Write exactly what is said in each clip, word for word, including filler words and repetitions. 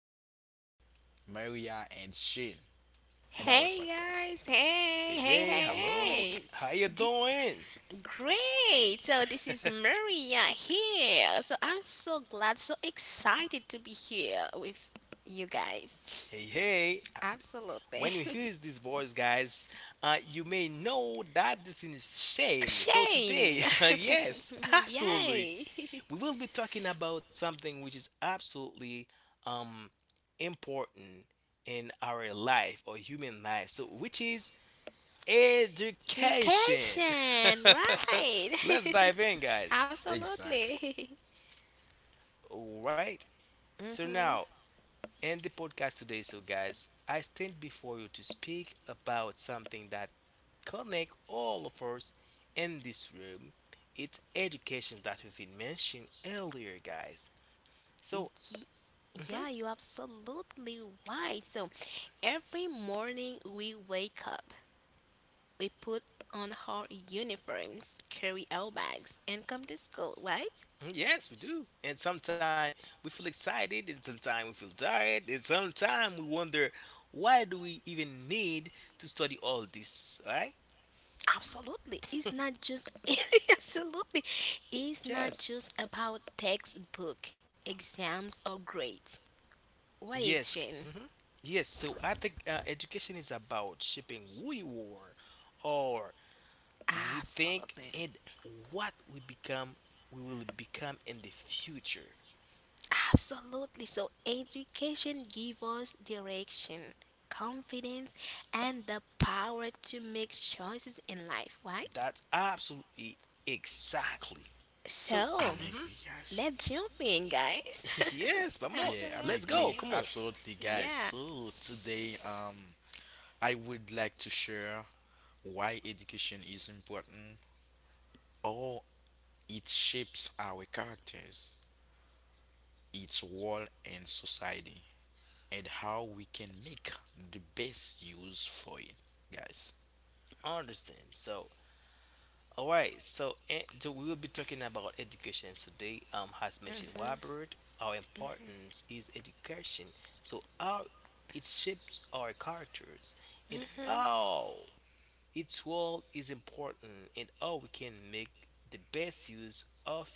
um, Maria and Shane and our Hey podcast. guys, hey, Hey, hey, hey, hello, hey. how you D- doing? Great. So this is Maria here. So I'm so glad, so excited to be here with you guys. Hey, hey, Absolutely. when you hear this voice, guys, uh, you may know that this is Shane. So Shane. today, yes, absolutely, Yay. we will be talking about something which is absolutely um, important in our life or human life. So, which is education. Education, Let's right. dive in, guys. Exactly. Absolutely. All right. So Mhm. now, in the podcast today. So, guys, I stand before you to speak about something that connect all of us in this room. It's education that we've been mentioned earlier, guys. So, Ye- Yeah, you're absolutely right. So every morning we wake up. We put on our uniforms, carry our bags, and come to school, right? mm, yes, we do. And sometimes we feel excited, and sometimes we feel tired, and sometimes we wonder why do we even need to study all this, right? Absolutely. It's not just, absolutely. It's not Yes, just about textbook, exams, or grades. What is yes. Shane? hmm Yes, so I think uh, education is about shaping who you are or we think Absolutely. and what we become we will become in the future. Absolutely. So education gives us direction, confidence, and the power to make choices in life, right? That's absolutely exactly. So So I'm hmm angry, let's guys. jump in, guys. yes, vamos. Yeah, I'm Let's go. agree. Absolutely. Come on. Absolutely, guys. Yeah. So today, um, I would like to share why education is important, how it shapes our characters, its role in society, and how we can make the best use for it, guys. Understand. So all right. So and so we will be talking about education today. Um, has mentioned Robert. How important is education. So how it shapes our characters and Mhm. how its role is important in how we can make the best use of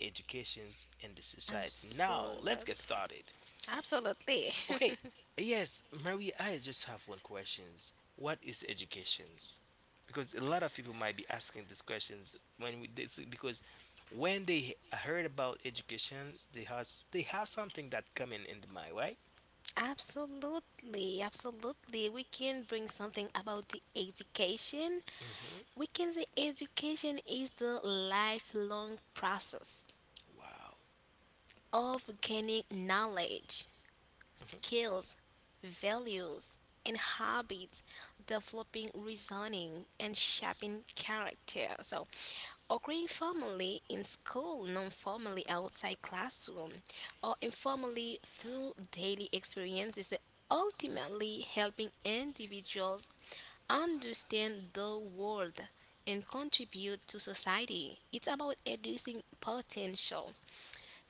educations in the society. Now, Absolutely. let's get started. Absolutely. Okay, yes, Maria, I just have one questions. What is educations? Because a lot of people might be asking these questions when we, this, because when they heard about education, they has they have something that coming in the mind, right? Absolutely. Absolutely. We can bring something about the education. hmm We can say education is the lifelong process Wow. of gaining knowledge, skills, values, and habits, developing reasoning, and shaping character. So occurring formally in school, non formally outside classroom, or informally through daily experiences, ultimately helping individuals understand the world and contribute to society. It's about reducing potential,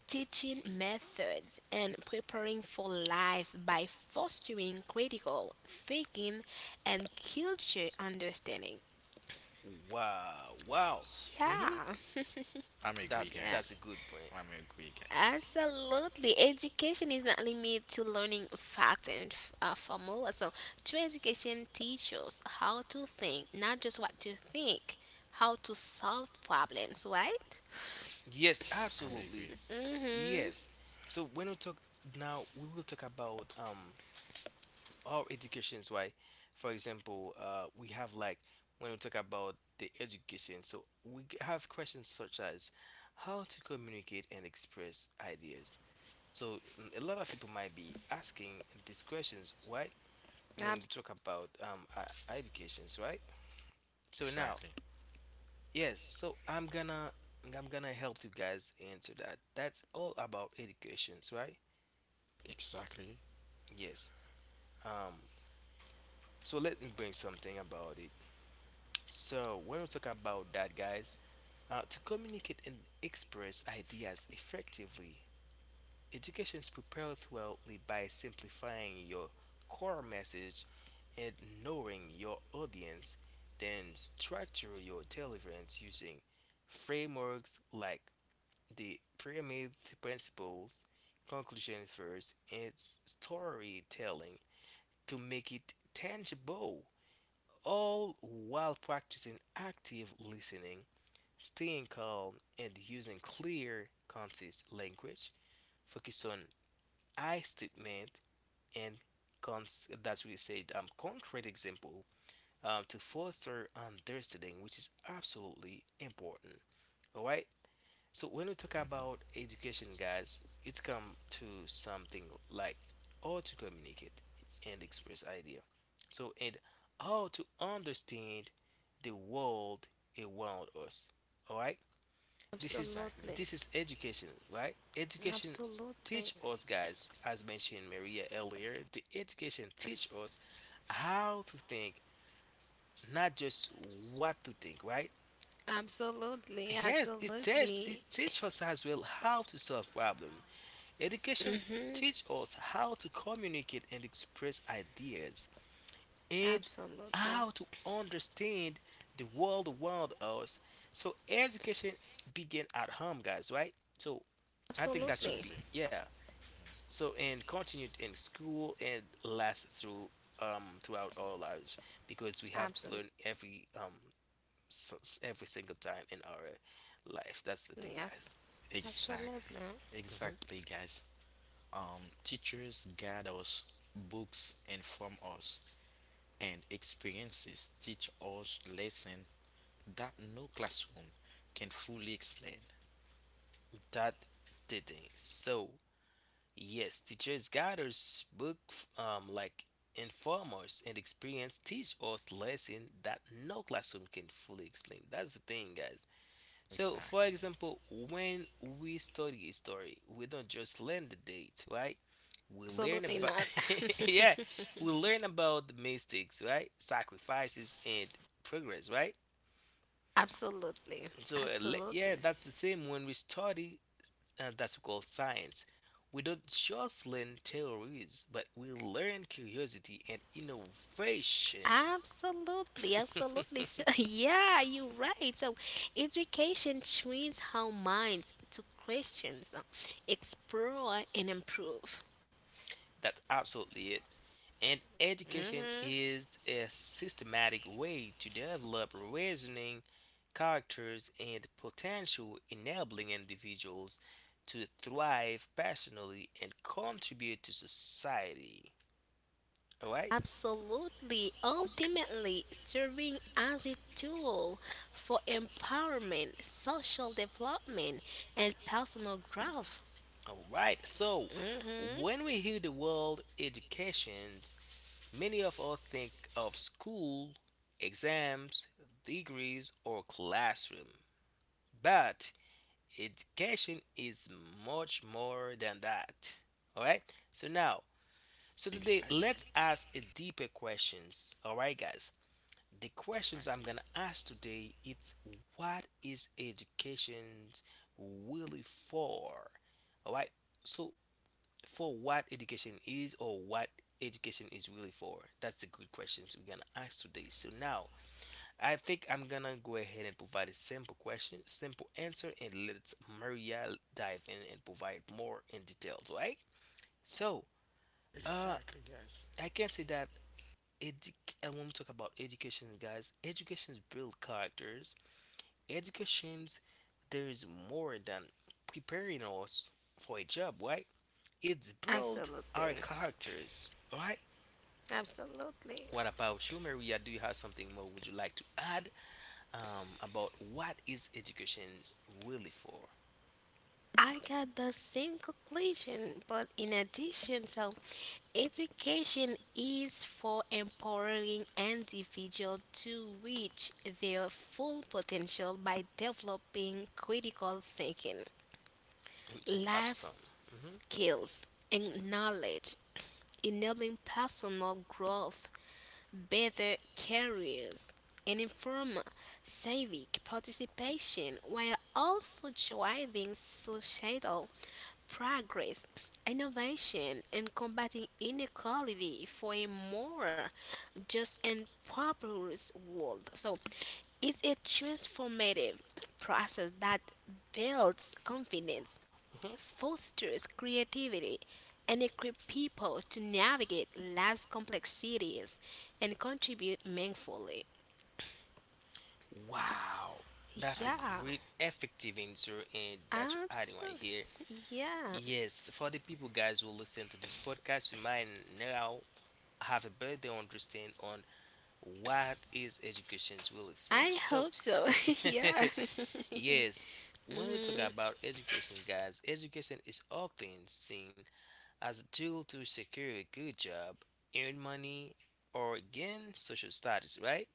teaching methods, and preparing for life by fostering critical thinking and culture understanding. hmm Wow, wow. hmm Yeah. I'm agree, That's Yeah. that's guys. a good point. I'm agree, guys. Absolutely. Education is not limited to learning facts and f- uh, formula. So true education teaches how to think, not just what to think, how to solve problems, right? Yes, I'm absolutely. agree. hmm Yes. So when we talk now, we will talk about um our educations, right? For example, uh, we have like when we talk about the education, so we g- have questions such as how to communicate and express ideas. So mm, a lot of people might be asking these questions, why? When we talk about um uh, educations, right? So now Exactly. yes, so I'm gonna I'm gonna help you guys into that. That's all about educations, right? Exactly. Yes. Um, so let me bring something about it. So when we talk about that, guys, uh, to communicate and express ideas effectively, education is prepared thoroughly by simplifying your core message and knowing your audience, then structure your deliverance using frameworks like the pyramid principles, conclusion first, it's storytelling to make it tangible, all while practicing active listening, staying calm, and using clear concise language, focus on I statement and cons- that we said um, concrete example, um, to foster understanding, which is absolutely important. All right. So when we talk about education, guys, it's come to something like how to communicate and express idea. So and how to understand the world around us. All right, this is Exactly. Absolutely. this is education, right? Education Absolutely. teach us, guys, as mentioned Maria earlier. The education teach us how to think, not just what to think, right? Absolutely. Yes, it teach Absolutely. it teach us as well how to solve problem. Education hmm teaches us how to communicate and express ideas and Absolutely. how to understand the world around us. So education begin at home, guys, right? So I think that Absolutely. should be Exactly. yeah. So and continued in school and last through um throughout our lives because we have Absolutely. to learn every um s- s- every single time in our life. That's the thing, Yes. guys. Absolutely. Exactly. hmm Exactly, guys. Um, teachers guide us, books inform us, and experiences teach us lessons that no classroom can fully explain. That the thing. So yes, teachers guide us, book, um, like, inform us, and experience teach us lesson that no classroom can fully explain. That's the thing, guys. So, for Exactly. example, when we study history, we don't just learn the date, right? We learn Absolutely about not. yeah, we learn about the mistakes, right? Sacrifices and progress, right? Absolutely. So, uh, le- yeah, Absolutely. that's the same when we study uh, that's called science. We don't just learn theories, but we learn curiosity and innovation. Absolutely, absolutely. So, yeah, you're right. So education trains our minds to questions, explore, and improve. That's absolutely it. And education is a systematic way to develop reasoning, characters, and potential enabling individuals to thrive personally and contribute to society. All right? Absolutely, ultimately serving as a tool for empowerment, social development, and personal growth. All right. So, hmm when we hear the word education, many of us think of school, exams, degrees, or classroom. But education is much more than that. All right. So now, so today Exactly. let's ask a deeper questions. All right, guys. The questions Exactly. I'm gonna ask today it's what is education really for? All right. So for what education is or what education is really for? That's the good questions we're gonna ask today. So now I think I'm gonna go ahead and provide a simple question, simple answer, and let Maria dive in and provide more in details, right? So uh Exactly, guys. I can say that edu- and when we talk about education guys, educations build characters. Educations there is more than preparing us for a job, right? It's build our Absolutely, characters, all right? absolutely. What about you, Maria? Do you have something more would you like to add um, about what is education really for? I got the same conclusion, but in addition, so education is for empowering individuals to reach their full potential by developing critical thinking, Which is life awesome. hmm skills, and knowledge, enabling personal growth, better careers, and inform civic participation, while also driving societal progress, innovation, and combating inequality for a more just and prosperous world. So it's a transformative process that builds confidence, hmm fosters creativity, and equip people to navigate life's complexities and contribute meaningfully. Wow, Um, that's a Yeah, great, effective answer, and that you adding right here. absolutely. Yeah, Yes, for the people guys who listen to this podcast, you might now have a better understand on what is education really for. I So, hope so. Yeah. yes, when we talk Mhm. about education, guys, education is often seen as a tool to secure a good job, earn money, or gain social status, right?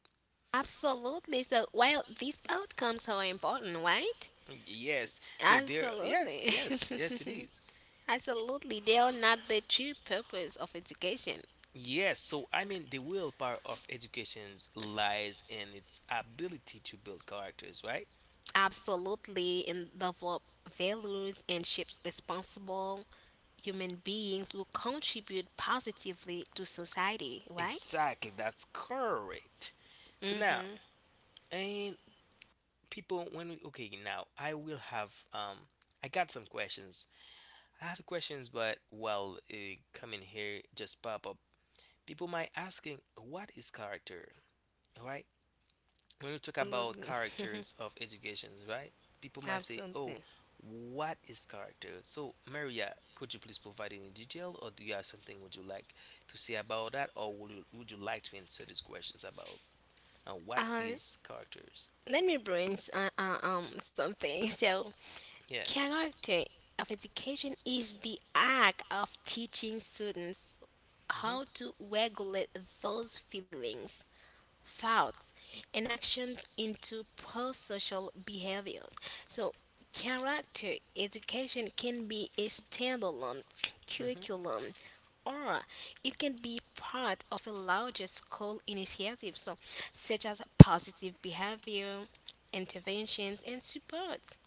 Absolutely. So, well, these outcomes are important, right? Yes. So there, yes, Absolutely. yes, yes, it is. Absolutely. They are not the true purpose of education. Yes. So I mean, the real power of education lies in its ability to build characters, right? Absolutely, and develop values and shapes responsible human beings who contribute positively to society, right? Exactly. That's correct. So now, Mm-hmm. and people, when we okay, now I will have um, I got some questions I have questions, but while uh, coming here just pop up, people might asking, what is character? All right, when we talk about Absolutely. characters of educations, right? People might say, oh, Absolutely. what is character? So, Maria, could you please provide any detail, or do you have something would you like to say about that, or would you, would you like to answer these questions about uh, what Uh, is characters? Let me bring uh, uh, um something. So Yeah. character of education is the act of teaching students how hmm to regulate those feelings, thoughts, and actions into pro-social behaviors. So character education can be a standalone hmm curriculum, or it can be part of a larger school initiative, so such as positive behavior interventions and support.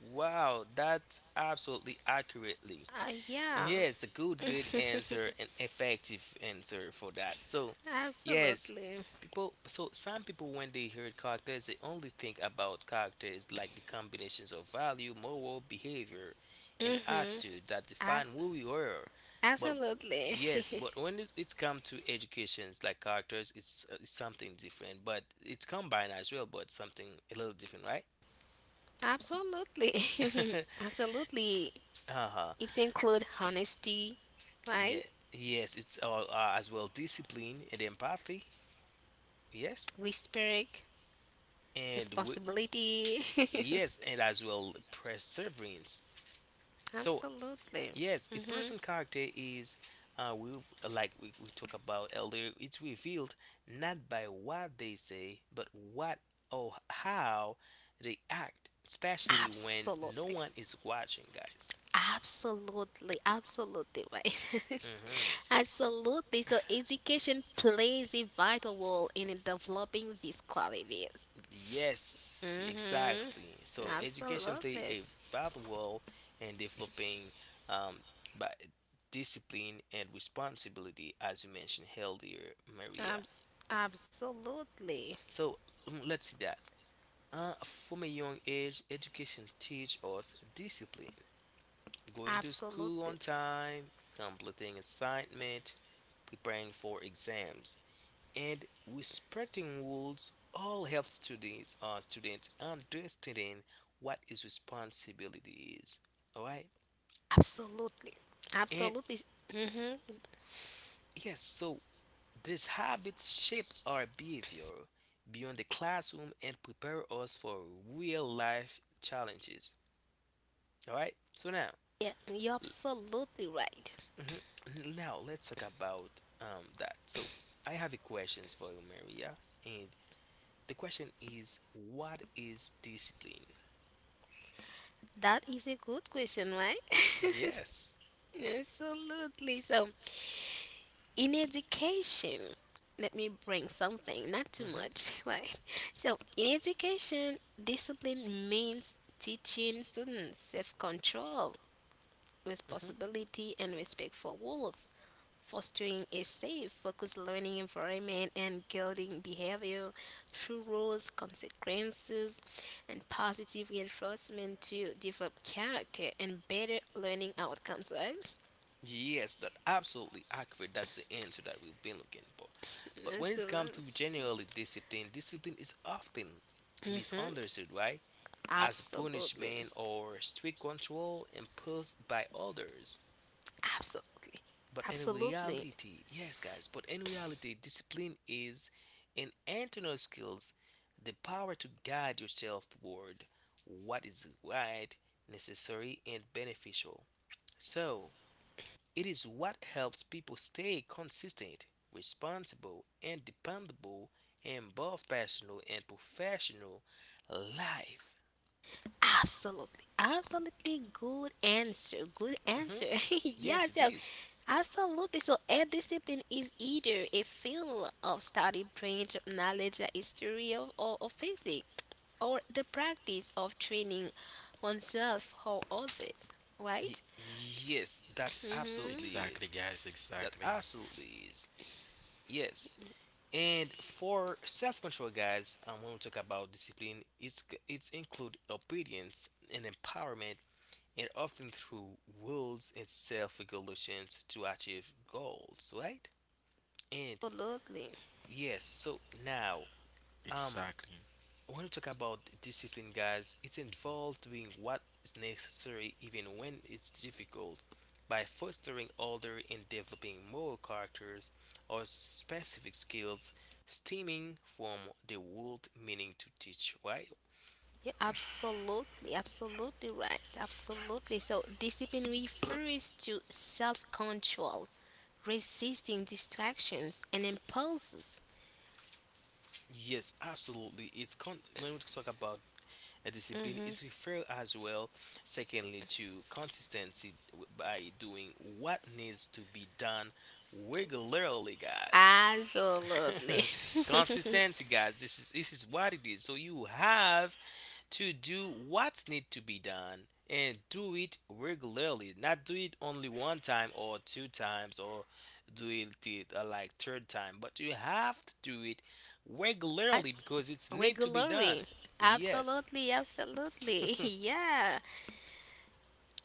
Wow, that's absolutely accurately. Uh, yeah, Yes, a good, good answer, and effective answer for that. So, yes, absolutely. people. So some people, when they hear characters, they only think about characters like the combinations of value, moral behavior, and Mm-hmm. attitude that define As- who we are. But Absolutely. yes, but when it- it's come to educations like characters, it's, uh, it's something different. But it's combined as well, but something a little different, right? Absolutely. Absolutely. uh huh. It includes honesty, right? Yeah, yes, it's all uh, as well discipline and empathy. Yes, Whispering, and we, responsibility. yes, and as well perseverance. So Absolutely. yes, a hmm person character is uh, we like we, we talked about earlier. It's revealed not by what they say, but what or how they act, especially when no Absolutely. one is watching, guys. Absolutely. Absolutely right. hmm Absolutely. So education plays a vital role in developing these qualities. Yes, hmm exactly. So education play Absolutely. a vital role in developing um, by discipline and responsibility, as you mentioned earlier, Maria. Ab- Absolutely. So mm, let's see that. Uh, from a young age, education teach us discipline, going to school Absolutely. on time, completing assignment, preparing for exams, and respecting rules all help students uh, students understanding what his responsibility is, all right, Absolutely. and Absolutely. hmm yes, so these habits shape our behavior beyond the classroom and prepare us for real life challenges, all right. So now Yeah, you're absolutely right. mhm. Now let's talk about um that. So I have a questions for you, Maria, and the question is, what is discipline? That is a good question, right? Yes. Absolutely. So in education, let me bring something, not too hmm much, right? So in education, discipline means teaching students self control, hmm responsibility, and respect for rules, fostering a safe, focused learning environment, and guiding behavior through rules, consequences, and positive reinforcement to develop character and better learning outcomes, right? Yes, that absolutely accurate. That's the answer that we've been looking for. But when it's come Excellent. to generally discipline, discipline is often Mm-hmm. misunderstood, right? As Absolutely. punishment or strict control imposed by others. Absolutely. But in Absolutely. reality, yes, guys, but in reality, discipline is an internal skills, the power to guide yourself toward what is right, necessary, and beneficial. So, it is what helps people stay consistent, responsible, and dependable in both personal and professional life. Absolutely, absolutely good answer. Good answer. hmm Yeah, Yes, it so is. absolutely. So a discipline is either a field of study, branch of knowledge, like history of, or, or physics, or the practice of training oneself or others, Y- right? yes, that ex- absolutely Mm-hmm. exactly, is. guys. That Exactly. absolutely is. Yes. And for self-control, guys, um, when we talk about discipline, it's it's include obedience and empowerment, and often through rules and self-regulations to achieve goals, right? And Absolutely. yes, so now, um, Exactly. when you talk about discipline, guys, it's involved doing what is necessary even when it's difficult. By fostering order and developing moral characters or specific skills stemming from the word meaning to teach, right? Yeah, absolutely, absolutely right. Absolutely. So discipline refers to self control, resisting distractions and impulses. Yes, absolutely. It's con- when we talk about a discipline, it's referred as well, secondly, to consistency by doing what needs to be done regularly, guys. Absolutely. Consistency, guys. This is this is what it is. So you have to do what's need to be done and do it regularly. Not do it only one time or two times or do it t- uh, like third time, but you have to do it What? regularly because it's need to be done. Regularly. Yes. Absolutely, absolutely. Yeah.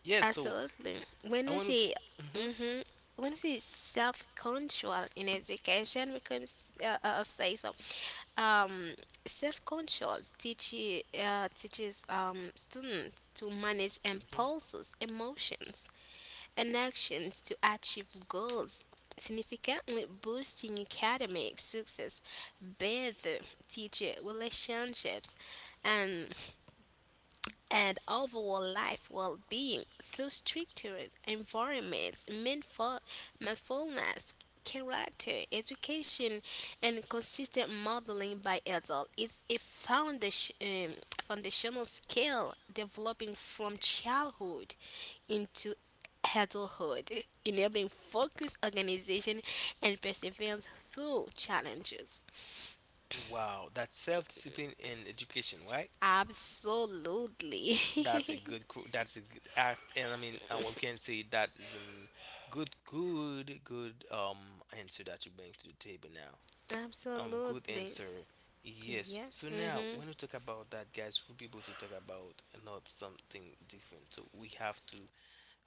Yes. So Absolutely. When I we want to. say, Mhm. hmm when we say self-control in education, we can uh, uh, say so. Um, Self-control teaches, uh, teaches um, students to manage Mhm. impulses, emotions, and actions to achieve goals, significantly boosting academic success, better teacher relationships, and and overall life well being through structured environments, mindful, mindfulness, character, education, and consistent modeling by adults. It's a foundation, um, foundational skill developing from childhood into adulthood, enabling focus, organization, and perseverance through challenges. Wow, that's self-discipline in education, right? Absolutely. That's a good. qu- That's a good. I, and I mean, uh, We can say that is a good, good, good um answer that you bring to the table now. Um, good Absolutely. answer. Yes. So Yes. now, Mm-hmm. when we talk about that, guys, we'll be able to talk about not something different. So we have to,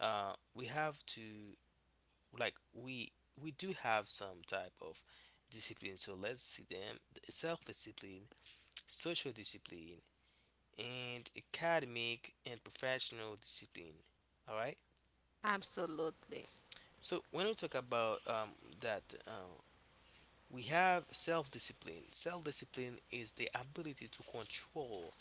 uh, we have to, like, we we do have some type of discipline. So let's see them. Self-discipline, social discipline, and academic and professional discipline. All right. Absolutely. So when we talk about um, that, uh, we have self-discipline. Self-discipline is the ability to control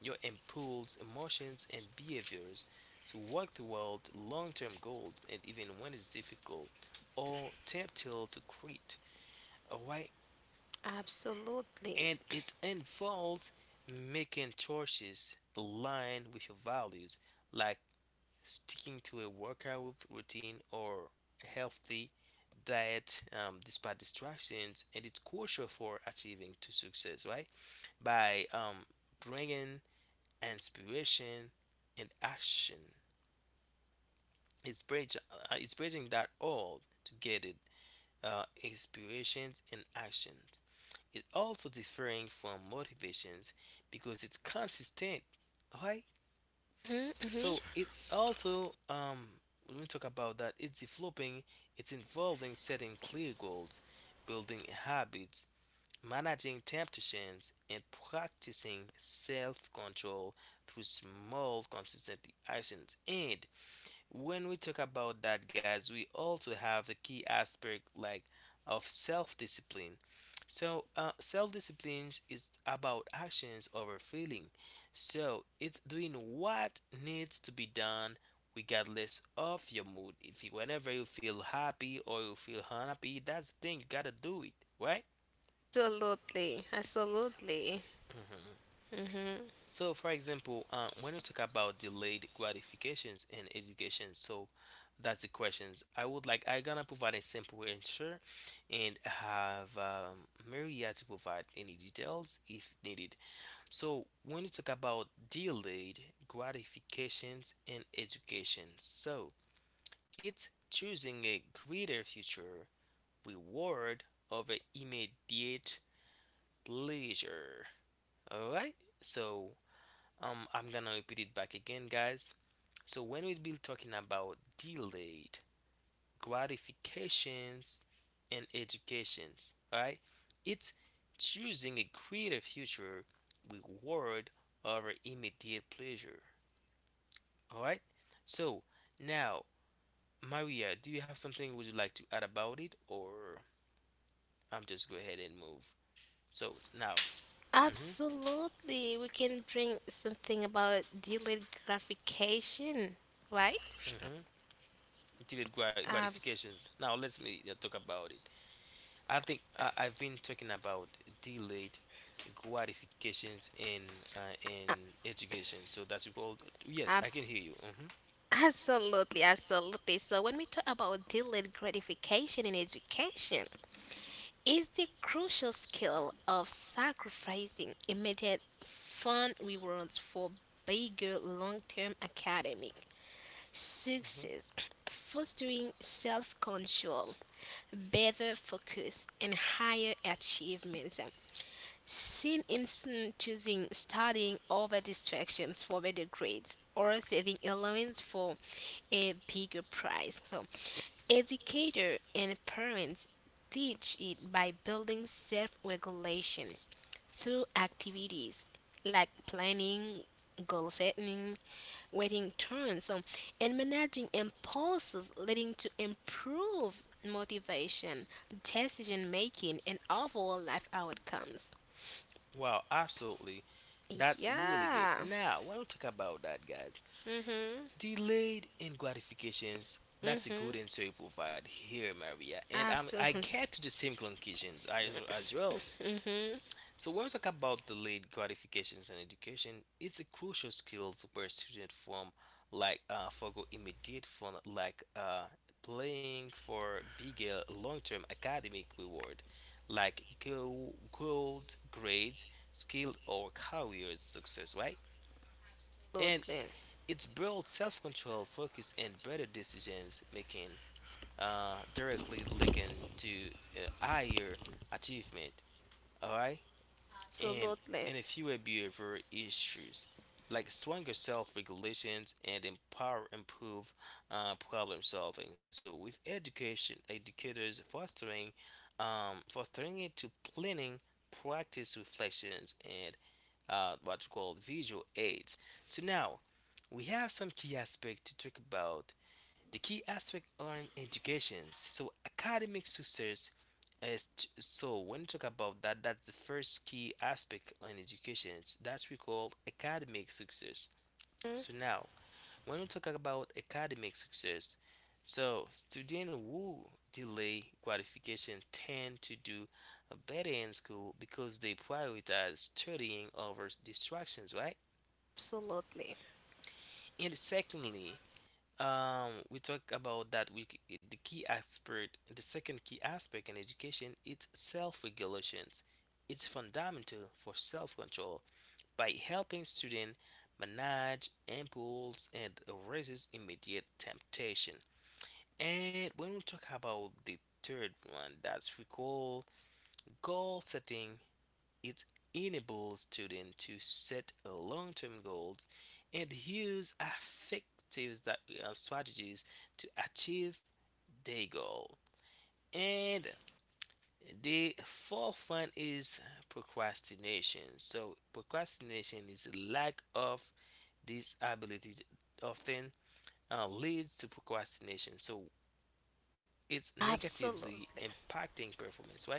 your impulse, emotions, and behaviors to work toward long-term goals, and even when it's difficult or tempting to quit. All right, Absolutely. and it involves making choices aligned with your values, like sticking to a workout routine or a healthy diet um, despite distractions, and it's crucial for achieving to success, right? By um, bringing inspiration and action, it's bridge, uh, it's bridging that all together. Uh, inspirations and actions. It also differing from motivations because it's consistent, right? Mm-hmm. So Mm-hmm. Exactly. it's also um when we talk about that, it's developing, it's involving setting clear goals, building habits, managing temptations, and practicing self-control through small, consistent actions. And when we talk about that, guys, we also have the key aspect, like, of self-discipline. So uh, self-discipline is about actions over feeling, so it's doing what needs to be done regardless of your mood. If you whenever you feel happy or you feel unhappy, that's the thing, you gotta do it, right? Absolutely. Absolutely. Mhm. Mm-hmm. So, for example, uh, when we talk about delayed gratifications in education, so that's the questions. I would like I gonna provide a simple answer, and have um, Maria to provide any details if needed. So, when we talk about delayed gratifications in education, so it's choosing a greater future reward over immediate pleasure. All right. So um, I'm gonna repeat it back again, guys. So when we've been talking about delayed gratifications and educations, right? It's choosing a greater future reward over immediate pleasure. All right. So now, Maria, do you have something would you like to add about it, or I'm just go ahead and move. So now, mm-hmm, Absolutely. We can bring something about delayed gratification, right? mm-hmm, delayed Abs. grat- gratifications. Now let's me uh, talk about it. I think I, I've been talking about delayed gratifications in uh, in education. So that's called. Abs. Yes, I can hear you. Hmm. Absolutely. Absolutely. So when we talk about delayed gratification in education, is the crucial skill of sacrificing immediate fun rewards for bigger long term academic Hmm. success, fostering self control, better focus, and higher achievements. Seen in students choosing studying over distractions for better grades or saving allowance for a bigger prize. So educators and parents teach it by building self regulation through activities like planning, goal setting, waiting turns, so, and managing impulses, leading to improved motivation, decision making, and overall life outcomes. Wow, absolutely. That's really good. Yeah. Now, when we talk about that, guys, Mhm. delayed in gratifications. That's a Mhm. good answer you provide here, Maria. And I'm, I Absolutely. get to the same conclusions as, as well. So when we talk about delayed gratifications in education, it's a crucial skill to where students from like uh, forgo immediate fun like uh, playing for bigger long-term academic reward like go gold grades, skill or career success, right? And Absolutely. it's built self-control, focus, and better decisions making, uh, directly linking to uh, higher achievement. All right, and and a few behavior issues like stronger self-regulations and empower improve uh, problem solving. So with education educators fostering um, fostering it to planning, practice reflections and uh, what we call visual aids. So now we have some key aspects to talk about, the key aspect on education. So academic success is t- so when you talk about that, that's the first key aspect on education. That's we call academic success. So Mm-hmm. now, when we talk about academic success, so students who delay qualification tend to do better in school because they prioritize studying over distractions, right? Absolutely. And secondly, Um, we talk about that. We c- the key aspect, the second key aspect in education, it's self-regulations. It's fundamental for self-control by helping students manage impulse and resist immediate temptation. And when we talk about the third one, that's we call goal setting. It enables students to set uh, long-term goals and use effective uh, strategies to achieve their goal. And the fourth one is procrastination. So procrastination is a lack of this ability often uh, leads to procrastination. So it's negatively Absolutely. impacting performance, right?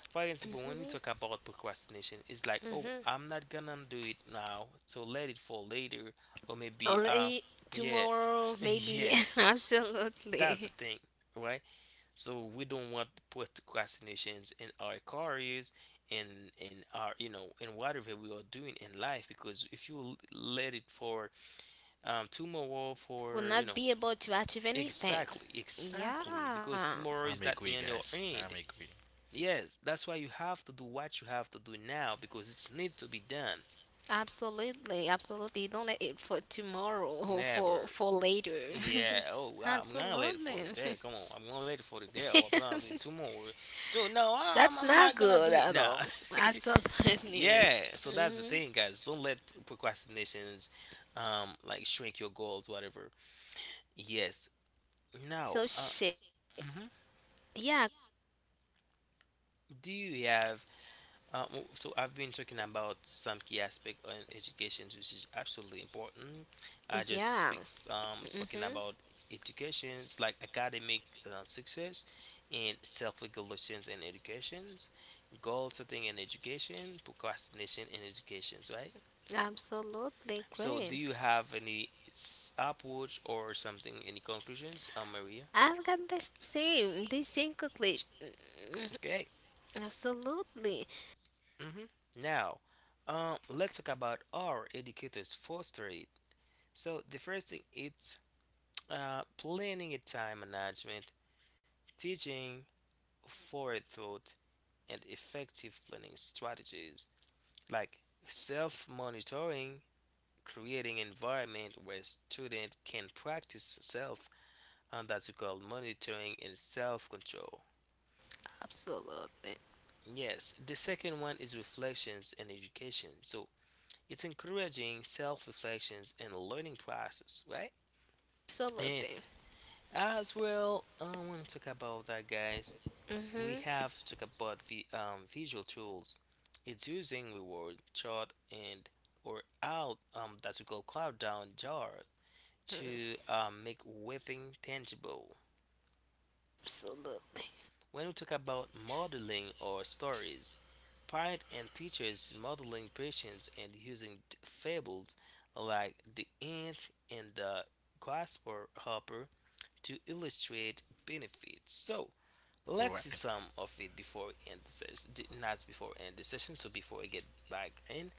For example, when we talk about procrastination, it's like, oh, I'm not gonna do it now, so let it for later, or maybe, uh, Only yeah, tomorrow, maybe. yes, that's Absolutely. the thing, right? So we don't want procrastinations in our careers, in in our, you know, in whatever we are doing in life, because if you l- let it for um tomorrow, Will for, you not know. be able to achieve anything. Exactly, exactly. Yeah, Because I'm tomorrow is agree, not in guys. your I'm hand. agree. Yes, that's why you have to do what you have to do now because it's need to be done. absolutely, absolutely. Don't let it for tomorrow or for Never. for later. Yeah, oh wow, I'm gonna let it for Absolutely. today. Come on, I'm gonna let it for today, or I'm gonna do it tomorrow. So no, I'm, That's I'm not not gonna good do it at now. all. Absolutely. Yeah, so that's the hmm thing, guys. Don't let pr- procrastinations, um, like, shrink your goals, whatever. Yes. Now, So uh, shit. mhm. Yeah, Do you have, uh, so I've been talking about some key aspect on education, which is absolutely important. I just yeah. speak um speaking hmm about educations, like academic uh, success and self-regulations in educations, goal setting in education, procrastination in educations, right? Absolutely So do great. you have any s- approach or something, any conclusions, uh, Maria? I've got the same, the same conclusion. Okay. Absolutely. Hmm. Now, um, let's talk about our educators' foster. So the first thing, it's uh, planning a time management, teaching forethought and effective planning strategies like self-monitoring, creating environment where student can practice self, and that's called monitoring and self-control. Absolutely. Yes, the second one is reflections and education. So it's encouraging self-reflections and learning process, right? And Absolutely. as well, I want to talk about that, guys. We Mm-hmm. have to talk about the um, visual tools. It's using reward chart and or out um, that we call cloud down jar to Mhm. um, make weaving tangible. Absolutely. When we talk about modeling or stories, parents and teachers modeling patients and using t- fables like the ant and the grasshopper to illustrate benefits. So let's Right. see some of it before we end the session. Not before we end the session, so before we get back in.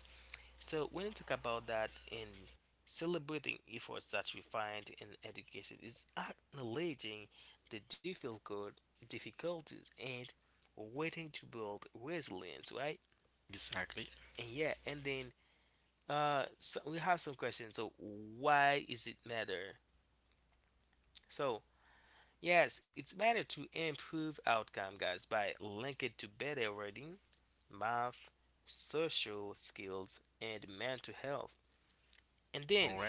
So when you talk about that in celebrating efforts that we find in education is acknowledging the difficult difficulties and waiting to build resilience, right? Exactly. And yeah, and then uh, so we have some questions. So why is it matter? So yes, it's matter to improve outcome, guys, by linking to better reading, math, social skills, and mental health. And All right. then,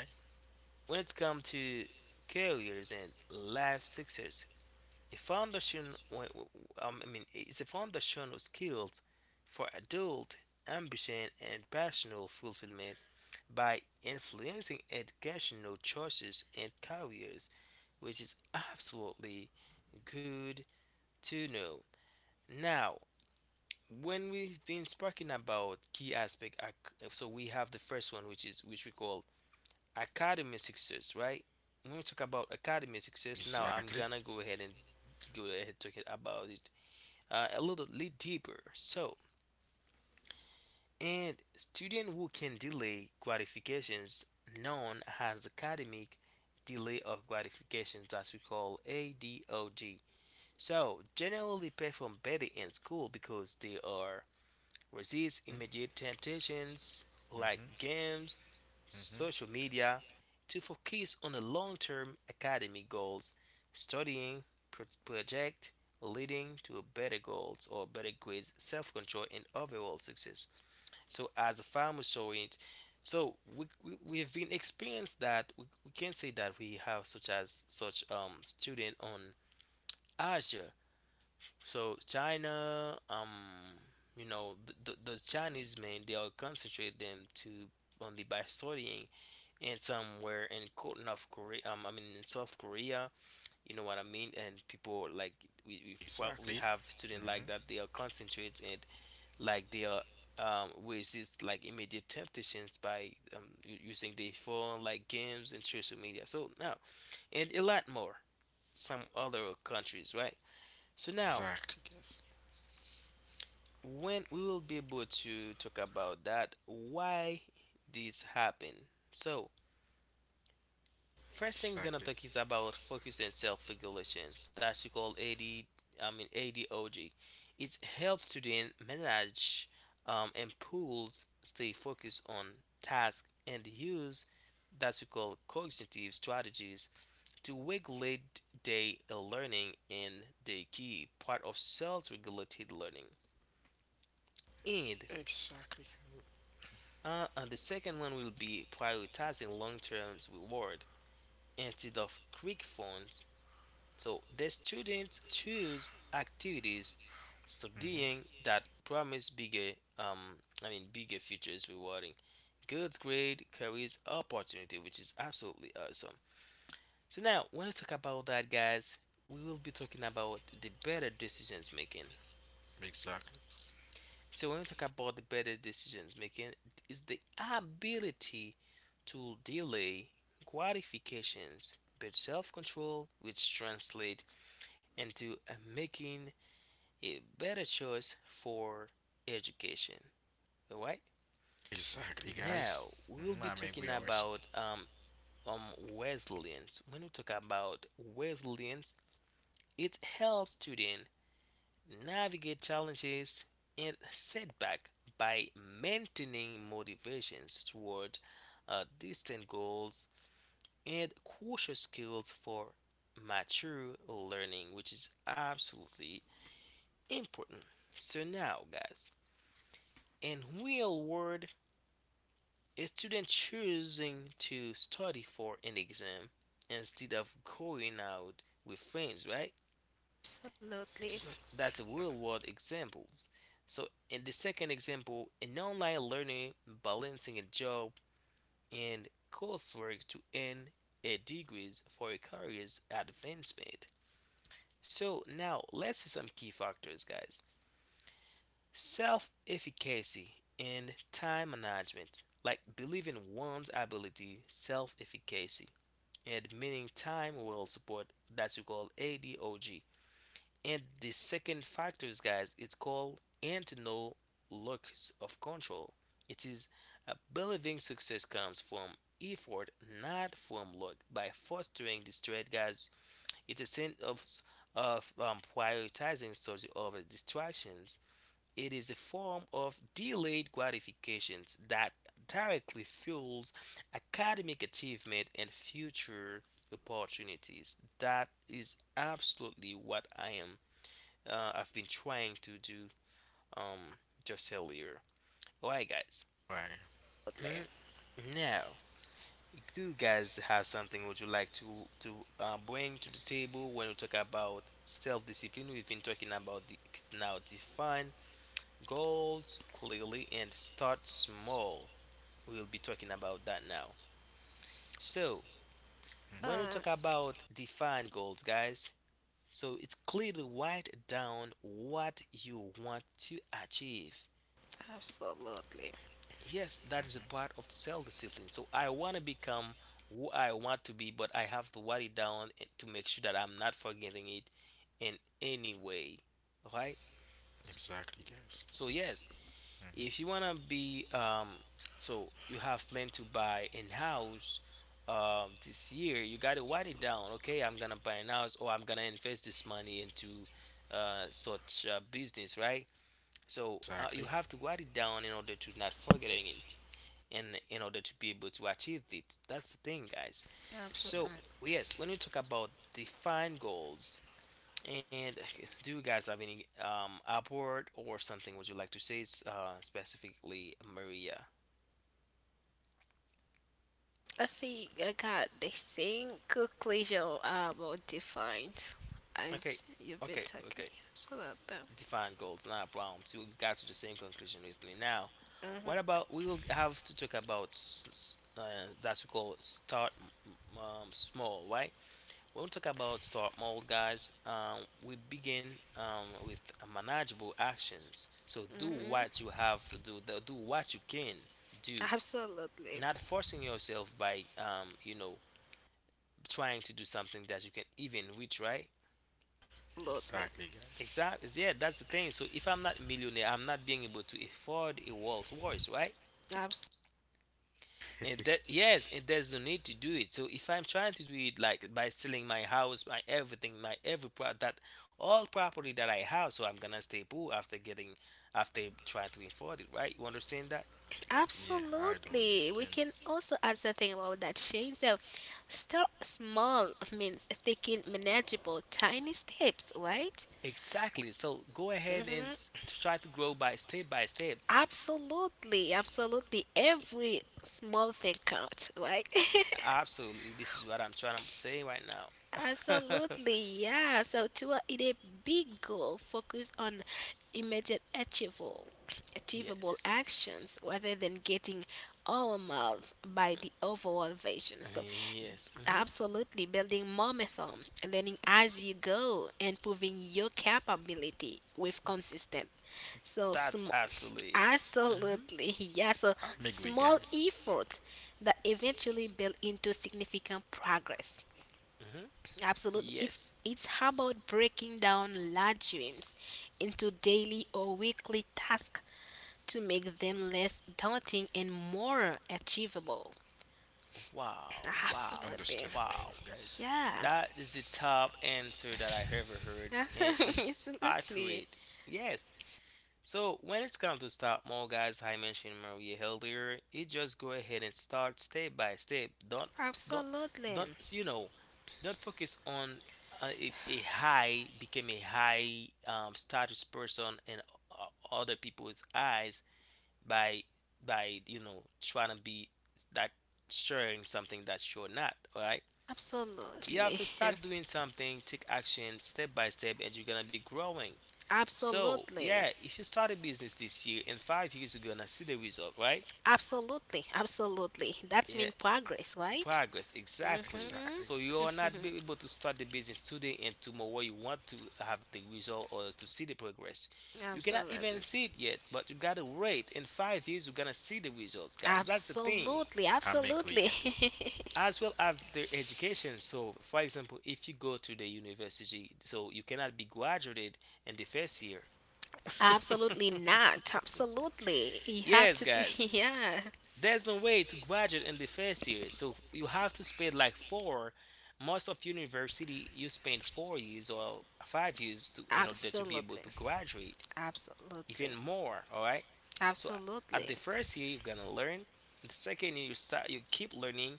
when it comes to careers and life success, a foundation, um, I mean, it's a foundational skills for adult ambition and personal fulfillment by influencing educational choices and careers, which is absolutely good to know. Now, when we've been speaking about key aspect ac- so we have the first one which is which we call academic success, right? When we talk about academic success, now Exactly. I'm gonna go ahead and go ahead talking about it uh, a little bit deeper. So and student who can delay gratifications, known as academic delay of gratifications, that we call adog, so generally perform better in school because they are resist immediate temptations like Mm-hmm. games, Mm-hmm. social media, to focus on the long term academic goals, studying, pro- project, leading to better goals or better grades, self control, and overall success. So, as a farmer saw it, so we, we, we've been experienced that we, we can say that we have such as such um student on Azure, so China, um, you know, the, the, the Chinese men, they are concentrate them to only by studying, and somewhere in Co- North Korea. Um, I mean in South Korea. You know what I mean? And people like we we, fro- we Exactly. have students like Mm-hmm. that. They are concentrate and like they are um resist like immediate temptations by um u- using their phone like games and social media. So now and a lot more some other countries, right? So now Exactly. Yes. when we will be able to talk about that why this happened. So first thing we're gonna Exactly. talk is about focus and self-regulations. That's you call ad I mean adog. It helps students manage um, and pools stay focused on tasks and use that we call cognitive strategies to regulate their learning and the key part of self-regulated learning. And Exactly. uh, and the second one will be prioritizing long-term reward instead of quick funds. So the students choose activities Mm-hmm. studying that promise bigger, um, I mean bigger futures rewarding. Good grade carries opportunity, which is absolutely awesome. So now when we talk about that, guys, we will be talking about the better decisions making. Exactly. So when we talk about the better decisions making, is the ability to delay gratifications but self-control which translate into uh, making a better choice for education. Alright? Exactly, Now guys. we'll be Mm-hmm. I talking mean, we always about um, um resilience. When we talk about resilience, it helps student navigate challenges and setback by maintaining motivations toward uh, distant goals and crucial skills for mature learning, which is absolutely important. So now, guys, in real world, a student choosing to study for an exam instead of going out with friends, right? Absolutely. exactly That's a real world examples. So in the second example, an online learner balancing a job and coursework to earn a degrees for a career's advancement. So now let's see some key factors, guys. Self-efficacy and time management. Like believing one's ability, self-efficacy, and meaning time will support that you call A D O G. And the second factors, guys, it's called internal locus of control. It is uh, believing success comes from effort, not from luck. By fostering this trait, guys, it's a sense of of um, prioritizing study over distractions. It is a form of delayed gratifications that directly fuels academic achievement and future opportunities. That is absolutely what I am uh, I've been trying to do um just earlier. Alright, guys. right. Absolutely. Mm, Now, do you guys have something would you like to to uh, bring to the table when we talk about self-discipline? We've been talking about the now define goals clearly and start small. We'll be talking about that now. So, when we Um, talk Mhm. about define goals, guys, so it's clearly write down what you want to achieve. Absolutely. Yes, that is a part of self discipline. So I want to become who I want to be, but I have to write it down and- to make sure that I'm not forgetting it in any way, right? Exactly, guys. So yes, if you want Mm-hmm. to be um so you have planned to buy in house um this year, you got to write it down. Okay, I'm gonna buy an house, or I'm gonna invest this money into uh such uh, business, right? So uh, you have Exactly. to write it down in order to not forgetting it and in order to be able to achieve it. That's the thing, guys. Absolutely. So Exactly. yes, when we talk about define goals, and do you guys have any um upward or something would you like to say s- uh, specifically, Maria? I think I got the same conclusion about defined Okay, as you've been okay, talking. okay. Absolutely. Define goals, not a problem. So we got to the same conclusion with me. Now, what Mm-hmm. about we will have to talk about uh, that we call start um, small, right? We'll talk about start mold, guys. Um, we begin um, with manageable actions. So do what Mm-hmm. you have to do. Do what you can do. Absolutely. Not forcing yourself by, um, you know, trying to do something that you can even reach, right? Absolutely. Exactly, guys. Exactly. Yeah, that's the thing. So if I'm not a millionaire, I'm not being able to afford a world's voice, right? Absolutely. And that yes, and there's no need to do it. So if I'm trying to do it like by selling my house, my everything, my every pro that all property that I have, so I'm gonna stay poor after getting after trying to afford it, right? You understand that? Yeah, I don't Absolutely. We can understand. also add something about that, Shane. So start small means taking manageable tiny steps, right? Exactly. So go ahead and s- hmm to try to grow by step by step. Absolutely. Absolutely. Every small thing counts, right? Absolutely, this is what I'm trying to say right now. Absolutely. Yeah. So to it a big goal, focus on immediate achievable achievable Yes. actions rather than getting overwhelmed by the overall vision. Uh, So Yes. Mhm. absolutely, building momentum, learning as you go, and proving your capability with consistent. So, That's sm- absolutely it. Mhm, absolutely, yeah. So I make we small guys efforts that eventually build into significant progress. mhm. Absolutely, it's Yes. it's about breaking down large dreams into daily or weekly tasks to make them less daunting and more achievable. Wow. Wow. Absolutely, Wow. understandable, guys. yeah. That is the top answer that I ever heard, and it's Absolutely. accurate. Yes. So when it's come to start more guys, I mentioned Maria earlier, you just go ahead and start step by step. Don't don't Absolutely. don't so, you know, don't focus on uh, a, a high become a high um, status person in o- other people's eyes by by you know trying to be that sharing something that you're not. All right. You have Absolutely. to start doing something, take action step by step, and you're gonna be growing. So, Absolutely. yeah, if you start a business this year and five years ago and I see the result, right? Absolutely. Absolutely. That's Yeah, mean progress, right? progress, exactly. hmm So Exactly, you are guys. not be able to start the business today and tomorrow you want to have the result or to see the progress. You cannot even Absolutely. see it yet, but you gotta wait. In five years, you're gonna see the result, guys. That's the thing. Absolutely. I'm Absolutely. agree, guys. As well as their education. So, for example, if you go to the university, so you cannot be graduated in the first year. Absolutely not. Absolutely. You have Yes, to be, guys. yeah. There's no way to graduate in the first year, so you have to spend like four. Most of university, you spend four years or five years to in order to be able Absolutely. to graduate, even Absolutely. more. All right. So a- at the Absolutely. first year, you're gonna learn. In the second year, you start. You keep learning.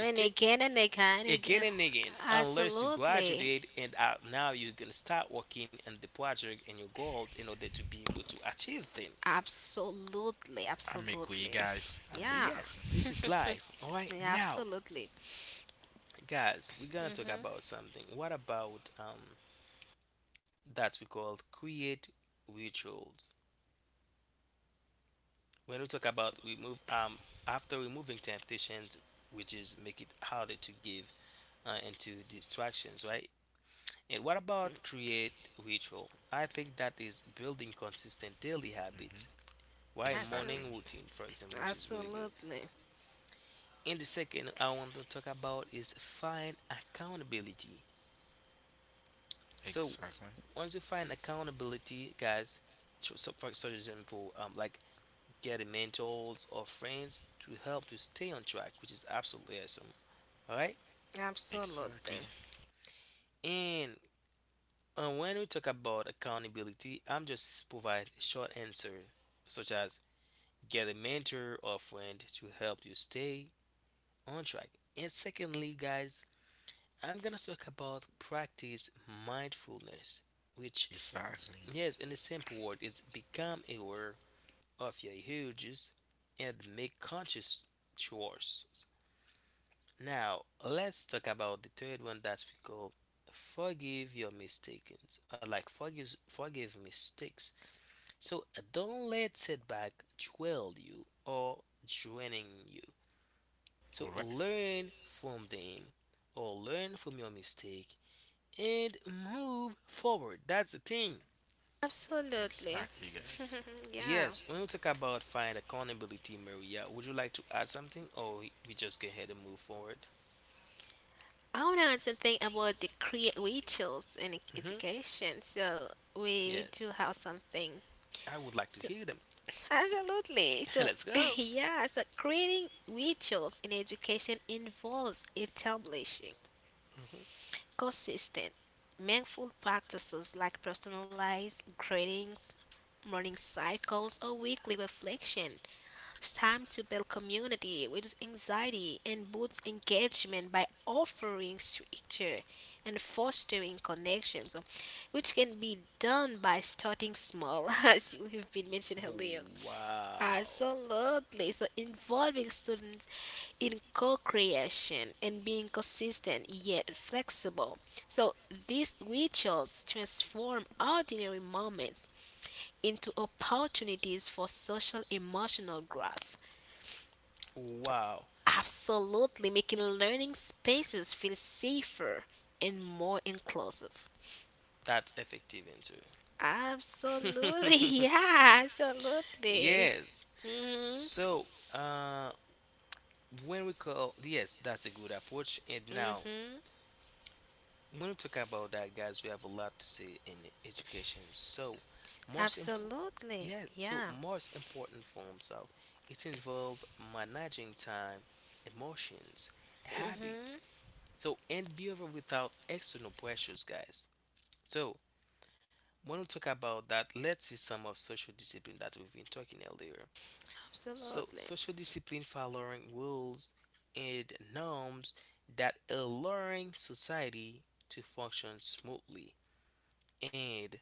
The t- again and again and Again again. and again unless you Absolutely. graduate and uh, now you're gonna start working on the project and your goal in order to be able to achieve them. Absolutely, I'm absolutely. agree, guys. I'm Yeah, here. Yes, this is life. All yeah, right. Now, absolutely. guys, we're gonna talk about something. What about um that we call create rituals? When we talk about we move um after removing temptations, which is make it harder to give uh, into distractions, right? And what about create ritual? I think that is building consistent daily habits. hmm Why Absolutely, morning Exactly. routine, for example, which is really good. absolutely, And the second I want to talk about is find accountability. So Exactly. once you find accountability, guys, so so for such example, um, like getting mentors or friends to help you stay on track, which is absolutely awesome. All right. absolutely, Exactly. And uh, when we talk about accountability, I'm just provide a short answer, such as get a mentor or friend to help you stay on track. And secondly, guys, I'm gonna talk about practice mindfulness, which Exactly. yes, in a simple word, it's become aware of your houses and make conscious choices. Now, let's talk about the third one that we call forgive your mistakes, or like forgive forgive mistakes. So don't let setback dwell you or draining you. So All right. learn from them or learn from your mistake and move forward. That's the thing. absolutely. Exactly, guys. yeah. Yes, when we talk about find accountability, Maria, would you like to add something, or we just go ahead and move forward? I want to think about the create rituals in e- Hmm. education. So we Yes, do have something. I would like to So hear them. absolutely. So Let's go. yeah. So creating rituals in education involves establishing Hmm. consistent, mindful practices like personalized greetings, morning cycles, or weekly reflection time to build community, reduce anxiety, and boost engagement by offering structure and fostering connections, which can be done by starting small, as you have been mentioned earlier. Wow. Absolutely. So involving students in co-creation and being consistent yet flexible. So these rituals transform ordinary moments into opportunities for social emotional growth. Wow. Absolutely, making learning spaces feel safer and more inclusive. That's effective answer. Absolutely. Yeah, absolutely. Yes. Mhm. So, uh, when we call, yes, that's a good approach. And now, Mhm. when we talk about that, guys, we have a lot to say in education. So, most important, Absolutely. yeah, so Yeah. most important forms of it involve managing time, emotions, habits, Mm-hmm. so and behavior without external pressures, guys. So, when we talk about that, let's see some of social discipline that we've been talking earlier. So, Absolutely. social discipline following rules and norms that allowing society to function smoothly. And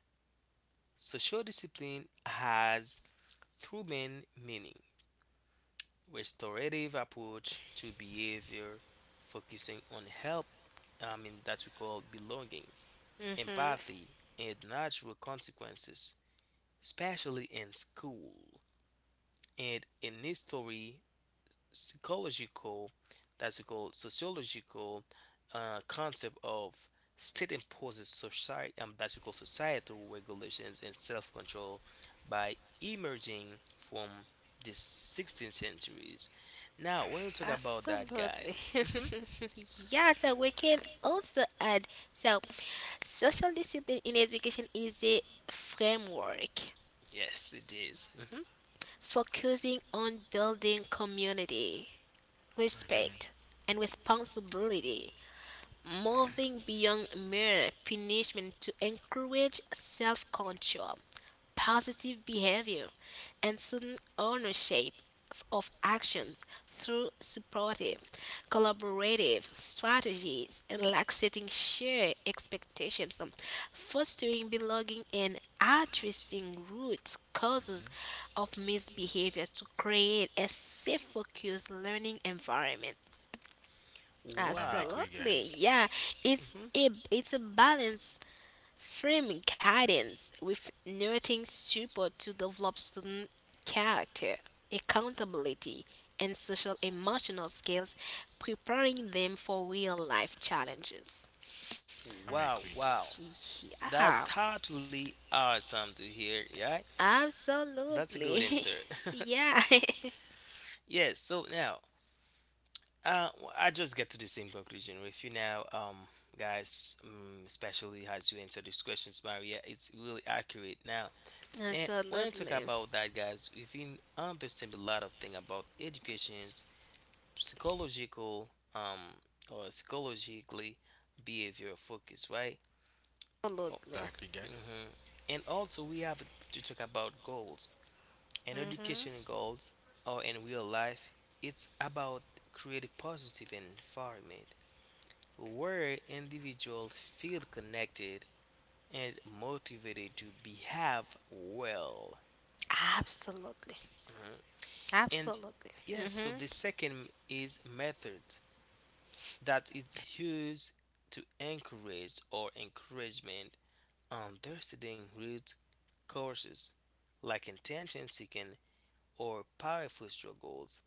social discipline has two main meaning: restorative approach to behavior, focusing on help. I mean that we call belonging, Mm-hmm. empathy, and natural consequences, especially in school and in history psychological, that's called sociological uh, concept of state imposes society, um, that's called societal regulations and self-control by emerging from the sixteenth centuries. Now, when we talk about that, Absolutely. guys, mhm, Yeah, so we can also add, so social discipline in education is a framework yes, it is. Mhm. focusing on building community, Exactly. respect, and responsibility, moving beyond mere punishment to encourage self control, positive behavior, and student ownership f- of actions through supportive, collaborative strategies and like setting shared expectations, um, fostering belonging, and addressing root causes hmm of misbehavior to create a safe, focused learning environment. I'm Wow. agree, Absolutely, guys. yeah. It's mhm. A it's a balance framing guidance with narrating support to develop student character, accountability, and social emotional skills, preparing them for real life challenges. I'm Wow, agree, wow. guys. Yeah, That totally awesome to hear, yeah? That's a good absolutely. answer. Yeah, Yes, so now Uh, w- I just get to the same conclusion with you now, um, guys. Um, especially as you answer these questions, Maria, it's really accurate now. And when I talk absolutely, about that, guys, we can understand a lot of thing about education, psychological, um, or psychologically behavior focus, right? Oh, absolutely. Exactly, guys. mhm. And also, we have to talk about goals and hmm education goals, or in real life, it's about create a positive environment where individuals feel connected and motivated to behave well. Absolutely. And Absolutely. yes, so Mm-hmm. the second is method that is used to encourage or encouragement understanding root causes like intention seeking or powerful struggles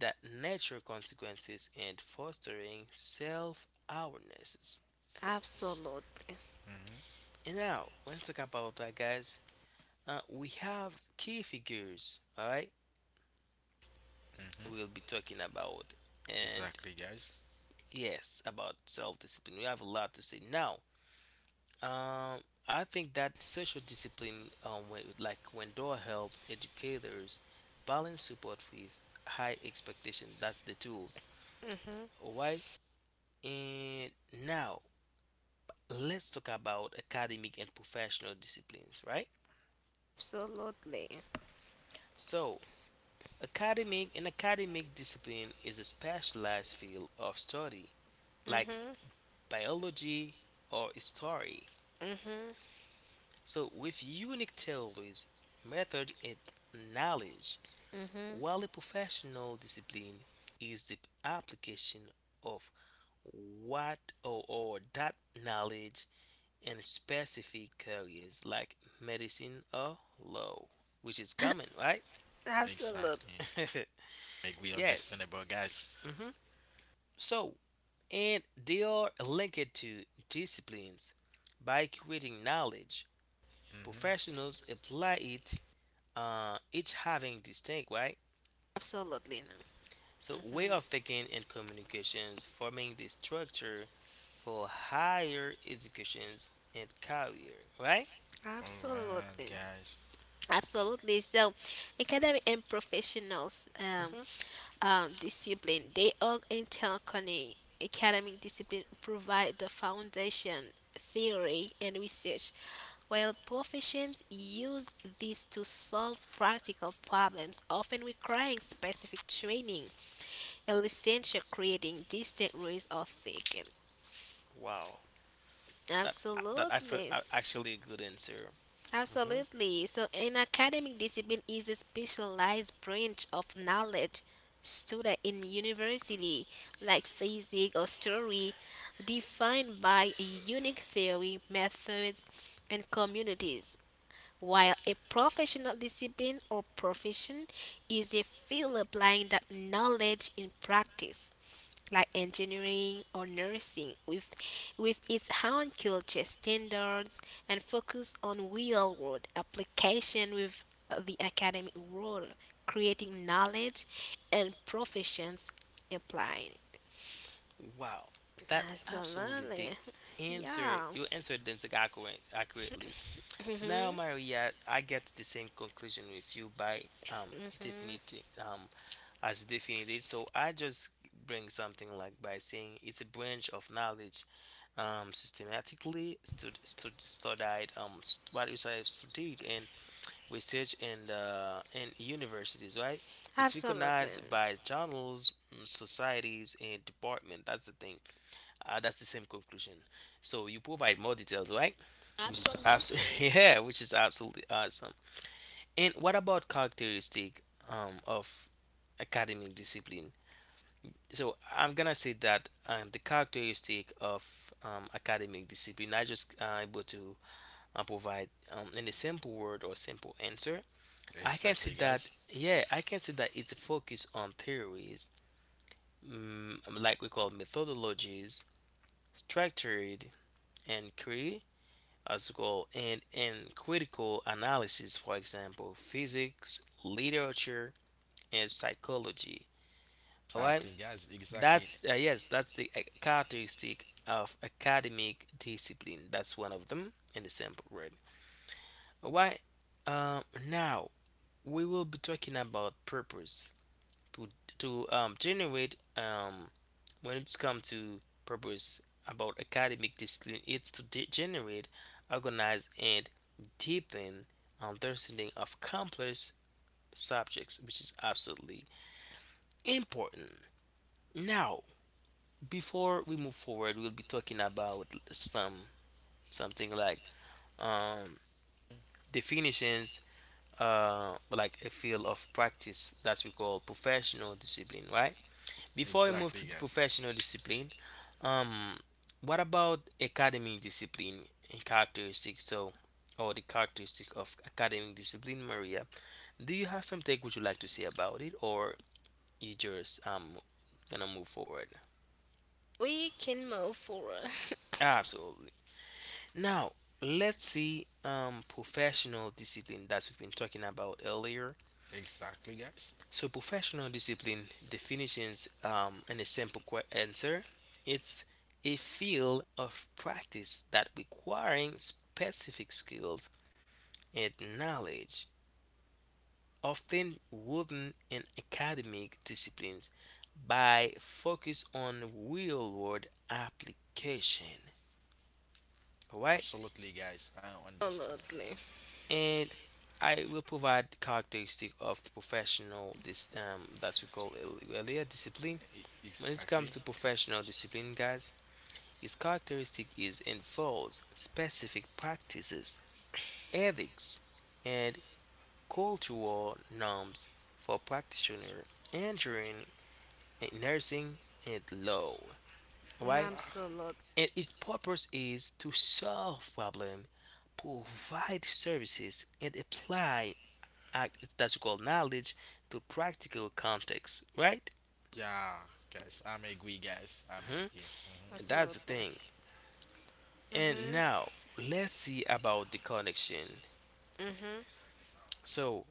that nature consequences and fostering self awarenesses. Absolute. Hmm And now, when we talk about that, guys, uh, we have key figures, all right. We'll hmm be talking about. And Exactly, guys. yes, about self-discipline we have a lot to say now. um, I think that social discipline um, when, like when door helps educators balance support with high expectation, that's the tools. hmm All right. And now, let's talk about academic and professional disciplines, right? Absolutely. So academic and academic discipline is a specialized field of study like Mhm. biology or history. Mhm. So with unique theories, method and knowledge, Mhm. while a professional discipline is the application of what or, or that knowledge in specific careers like medicine or law, which is common, right? Absolutely. Exactly. Make we Yes. understandable, guys. Hmm. So and they are linked to disciplines by creating knowledge. Hmm Professionals apply it, uh, each having distinct right. Absolutely. So way Mhm. of thinking and communications forming the structure for higher educations and career. Right? All right, Absolutely. guys. Absolutely. So academic and professionals um, Hmm. um, discipline they all interconnect. Academic discipline provide the foundation, theory, and research, while professions use this to solve practical problems, often requiring specific training. At least creating distinct rules of thinking. Wow, that uh, that actually Absolutely. actually a good answer. Mhm. Absolutely. So an academic discipline is a specialized branch of knowledge studied in university, like physics or story, defined by a unique theory, methods, and communities, while a professional discipline or profession is a field applying that knowledge in practice, like engineering or nursing, with, with its own culture, standards, and focus on real world application with the academic world, creating knowledge and professions applying. Wow, that absolutely the Absolutely. answer. Yeah, You answered this accurate, accurately. So now, Maria, I get to the same conclusion with you by um definitely um as definite. So I just bring something like by saying it's a branch of knowledge um systematically stud, stud, studied um st- what is I studied in research and uh in universities, right? It's absolutely. recognized by journals, mm, societies, and department. That's the thing. Uh, that's the same conclusion. So you provide more details, right? Which is abs- Absolutely. yeah, which is absolutely awesome. And what about characteristic um, of academic discipline? So I'm gonna say that um, the characteristic of um, academic discipline, I just uh, able to uh, provide um, in a simple word or simple answer. I can see Exactly, that guys. yeah, I can see that it's focused on theories, mm, like we call methodologies, structured and as well. And in critical analysis, for example, physics, literature, and psychology. All right, Exactly, guys. that's Exactly. uh, yes, that's the uh, characteristic of academic discipline. That's one of them in the sample word. All right, um, now we will be talking about purpose to to um, generate um, when it's come to purpose about academic discipline, it's to de- generate, organize, and deepen understanding of complex subjects, which is absolutely important. Now, before we move forward, we'll be talking about some something like um, definitions, uh, like a field of practice that we call professional discipline, right? Before we move to the Exactly, guys. professional discipline, um, what about academic discipline and characteristics? So, or the characteristic of academic discipline, Maria, do you have some take would you like to say about it, or you just um gonna move forward? We can move forward. Absolutely. Now, let's see um professional discipline that we've been talking about earlier. Exactly, guys. So professional discipline definitions um, and a simple que- answer. It's a field of practice that requiring specific skills and knowledge, often wooden in academic disciplines, by focus on real-world application. All right, Absolutely, guys. I understand. Absolutely. and I will provide characteristic of the professional this um that we call earlier discipline. E- When it comes to Exactly. professional discipline, guys, its characteristic is involves specific practices, ethics, and cultural norms for practitioner entering nursing and law. Right? Wow. Absolutely. And its purpose is to solve problem, provide services, and apply statistical knowledge to practical context. Right? Yeah, guys. I'm agree, guys. I'm Mhm. agree. Mhm. And that's the Absolutely. thing. And Mm-hmm. now let's see about the connection. Mm-hmm. So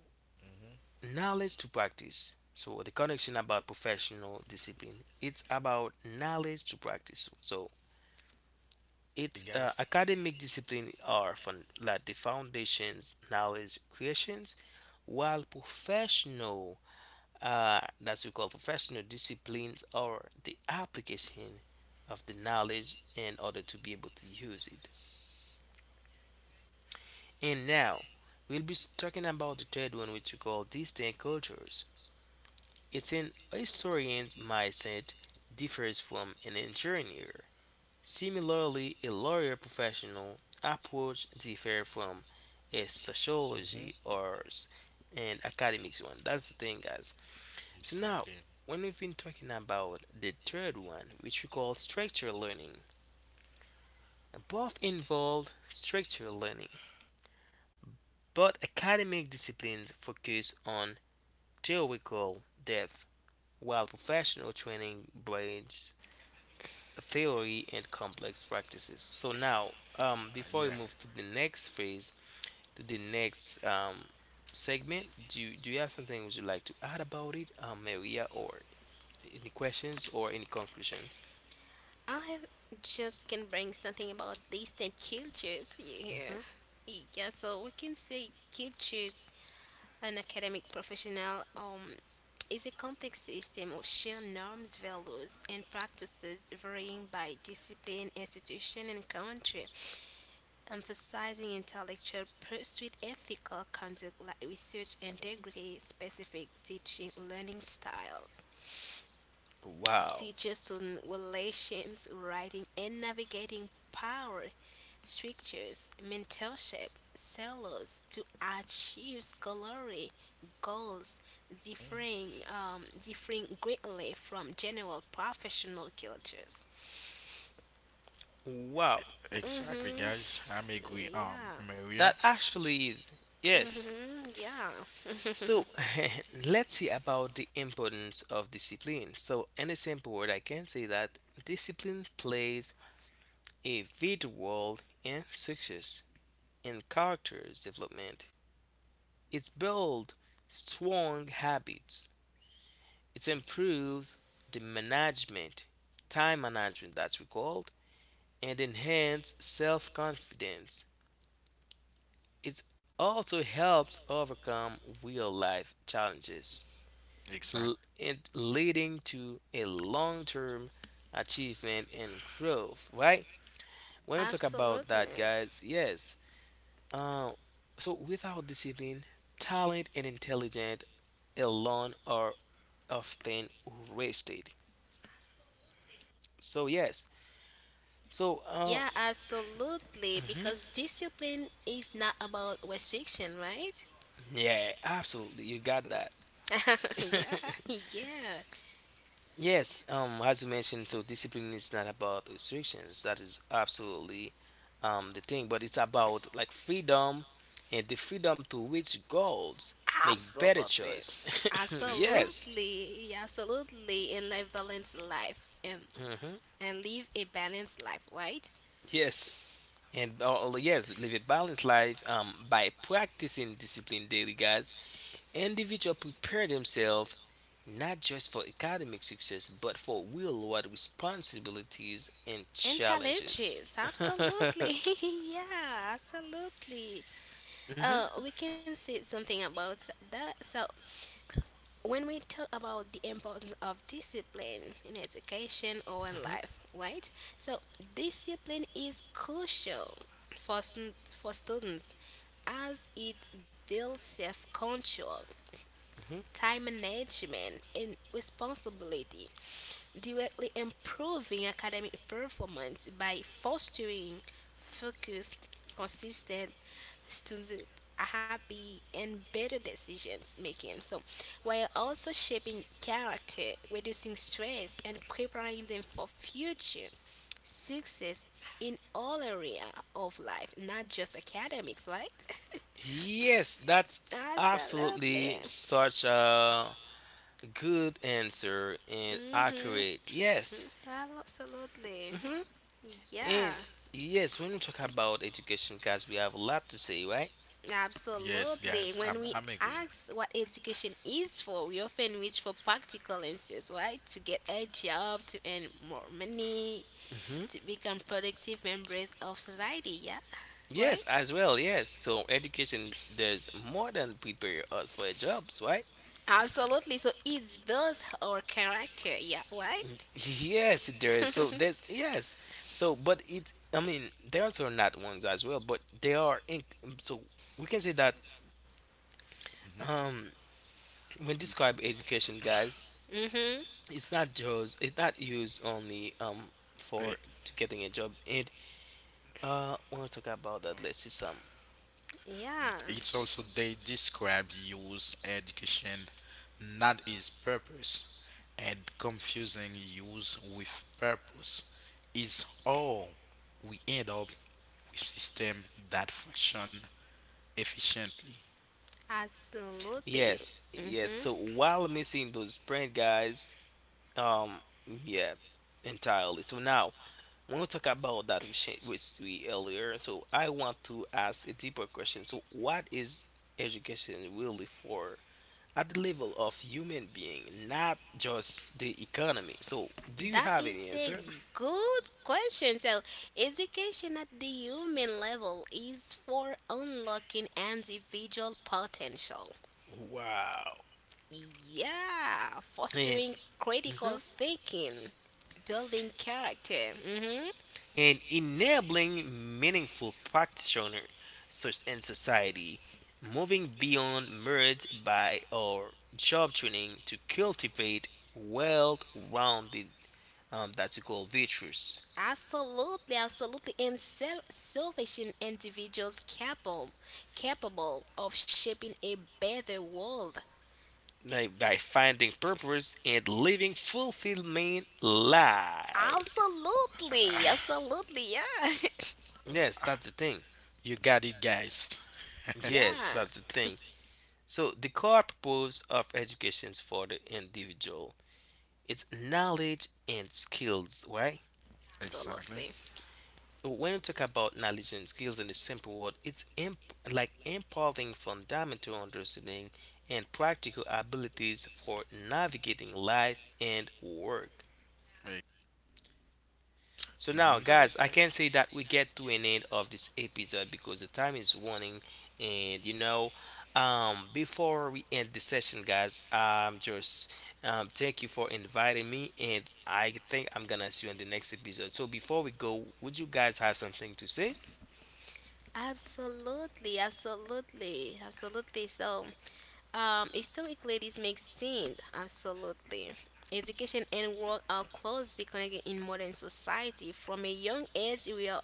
Mhm. knowledge to practice so the connection about professional discipline it's about knowledge to practice so it's Hey, uh, guys. academic discipline are from like the foundations knowledge creations while professional uh, that we call professional disciplines are the application of the knowledge in order to be able to use it and now we'll be talking about the third one which we call distinct cultures. It's an historian's mindset differs from an engineer. Similarly, a lawyer professional approach differs from a sociology Mhm. or an academics one. That's the thing, guys. So now, Exactly. when we've been talking about the third one, which we call structural learning, both involve structural learning, but academic disciplines focus on theoretical depth, while professional training brings theory and complex practices. So now, um, Uh, before we yeah. move to the next phase, to the next um, segment, do you, do you have something would you like to add about it, um, Maria, or any questions or any conclusions? I just can bring something about distant cultures here. Hmm. Yeah, so we can say cultures an academic professional um is a complex system of shared norms, values, and practices varying by discipline, institution, and country, emphasizing intellectual pursuit, ethical conduct like research integrity, specific teaching learning styles, Wow, teacher student relations, writing and navigating power structures, mentorship, sellers to achieve scholarly goals Mm-hmm. differing, um, differing greatly from general professional cultures. wow, Exactly, Mm-hmm. guys. I'm agree. Um, Yeah. that Maria. actually is yes. Mm-hmm. Yeah. So let's see about the importance of discipline. So in a simple word, I can say that discipline plays a vital role in success and character's development. It builds strong habits. It improves the management, time management that's recalled, and enhance self-confidence. It also helps overcome real-life challenges, Exactly. l- and leading to a long-term achievement and growth. Right? When we talk about that, Absolutely. guys, yes. Uh, so without discipline, talent, and intelligence alone are often wasted. So yes, so um, Yeah, absolutely. Because discipline is not about restriction, right? yeah, absolutely, you got that. Yeah, yeah. Yes, um, as you mentioned, so discipline is not about restrictions. That is absolutely um the thing, but it's about like freedom and the freedom to reach goals, make better Absolutely. choice. Yes, Yes, Absolutely. Yeah, absolutely. And live balanced life and, hmm, and live a balanced life, right? yes, and uh, yes, live a balanced life um by practicing discipline daily, guys. Individuals prepare themselves not just for academic success, but for real world responsibilities and And challenges. challenges. Absolutely. Yeah, absolutely. Mhm, Uh, we can say something about that. So when we talk about the importance of discipline in education or in life, right? So discipline is crucial for, stu- for students as it builds self control, mhm. time management, and responsibility, directly improving academic performance by fostering focus, consistent students happy and better decisions making. So while also shaping character, reducing stress, and preparing them for future success in all area of life, not just academics, right? Yes, that's Absolutely. absolutely such a good answer and Mm-hmm. accurate. Yes. Absolutely. Yeah. And yes, when we talk about education, guys, we have a lot to say, right? yes, Absolutely. guys, When I'm, we I'm agreeing. ask what education is for, we often reach for practical answers, right? To get a job, to earn more money, to become productive members of society, yeah? Right? Yes, as well, yes. So education does more than prepare us for jobs, right? Absolutely. So it builds our character, yeah, right? Yes, there is. So there's yes. So but it. I mean, there are not ones as well, but they are. In, so we can say that Mhm. um, when describe education, guys, Mm-hmm. it's not just it's not used only um for It- to getting a job. And uh, want to talk about that. Let's see some. Yeah. It's also S- they describe use education, not its purpose, and confusing use with purpose is all we end up with system that function efficiently. Absolutely. Yes, yes. Mm-hmm. So while missing those print guys, um, yeah, entirely. So now. When we talk about that with Shan- with Sui earlier, so I want to ask a deeper question. So, what is education really for at the level of human being, not just the economy? So, do you That have is any a answer? good question. So education at the human level is for unlocking individual potential. Wow. Yeah, And, fostering critical mhm, thinking, building character. hmm and enabling meaningful practitioner soc- and society, moving beyond merge by our job training to cultivate well-rounded um, that you call virtues. Absolutely, absolutely, and self salvation individuals capable capable of shaping a better world. By, by finding purpose and living fulfillment life. Absolutely, absolutely, yeah, Yes, that's the thing. You got it, guys. Yes, yeah, that's the thing. So the core purpose of education is for the individual. It's knowledge and skills, right? Exactly. absolutely. When we talk about knowledge and skills in the simple word, it's imp- like imparting fundamental understanding and practical abilities for navigating life and work. So now, Mm-hmm. So much guys, I nice. can say that we get to an end of this episode because the time is running, and you know, um, before we end the session, guys, um, just um, thank you for inviting me, and I think I'm gonna see you on the next episode. So before we go, would you guys have something to say? Absolutely, absolutely, absolutely. So, um, historically, this makes sense. Absolutely. Education and work are closely connected in modern society. From a young age, we are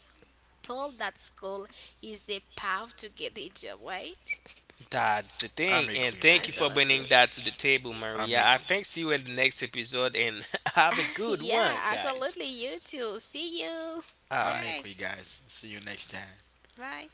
told that school is the path to get a job, right? That's the I'm thing, agree, and thank you man. for Absolutely. bringing that to the table, I'm Maria. agree. I think see you in the next episode, and have a good Yeah, one, guys. absolutely. You too. See you. All I'm right. Bye. agree, guys. See you next time. Bye.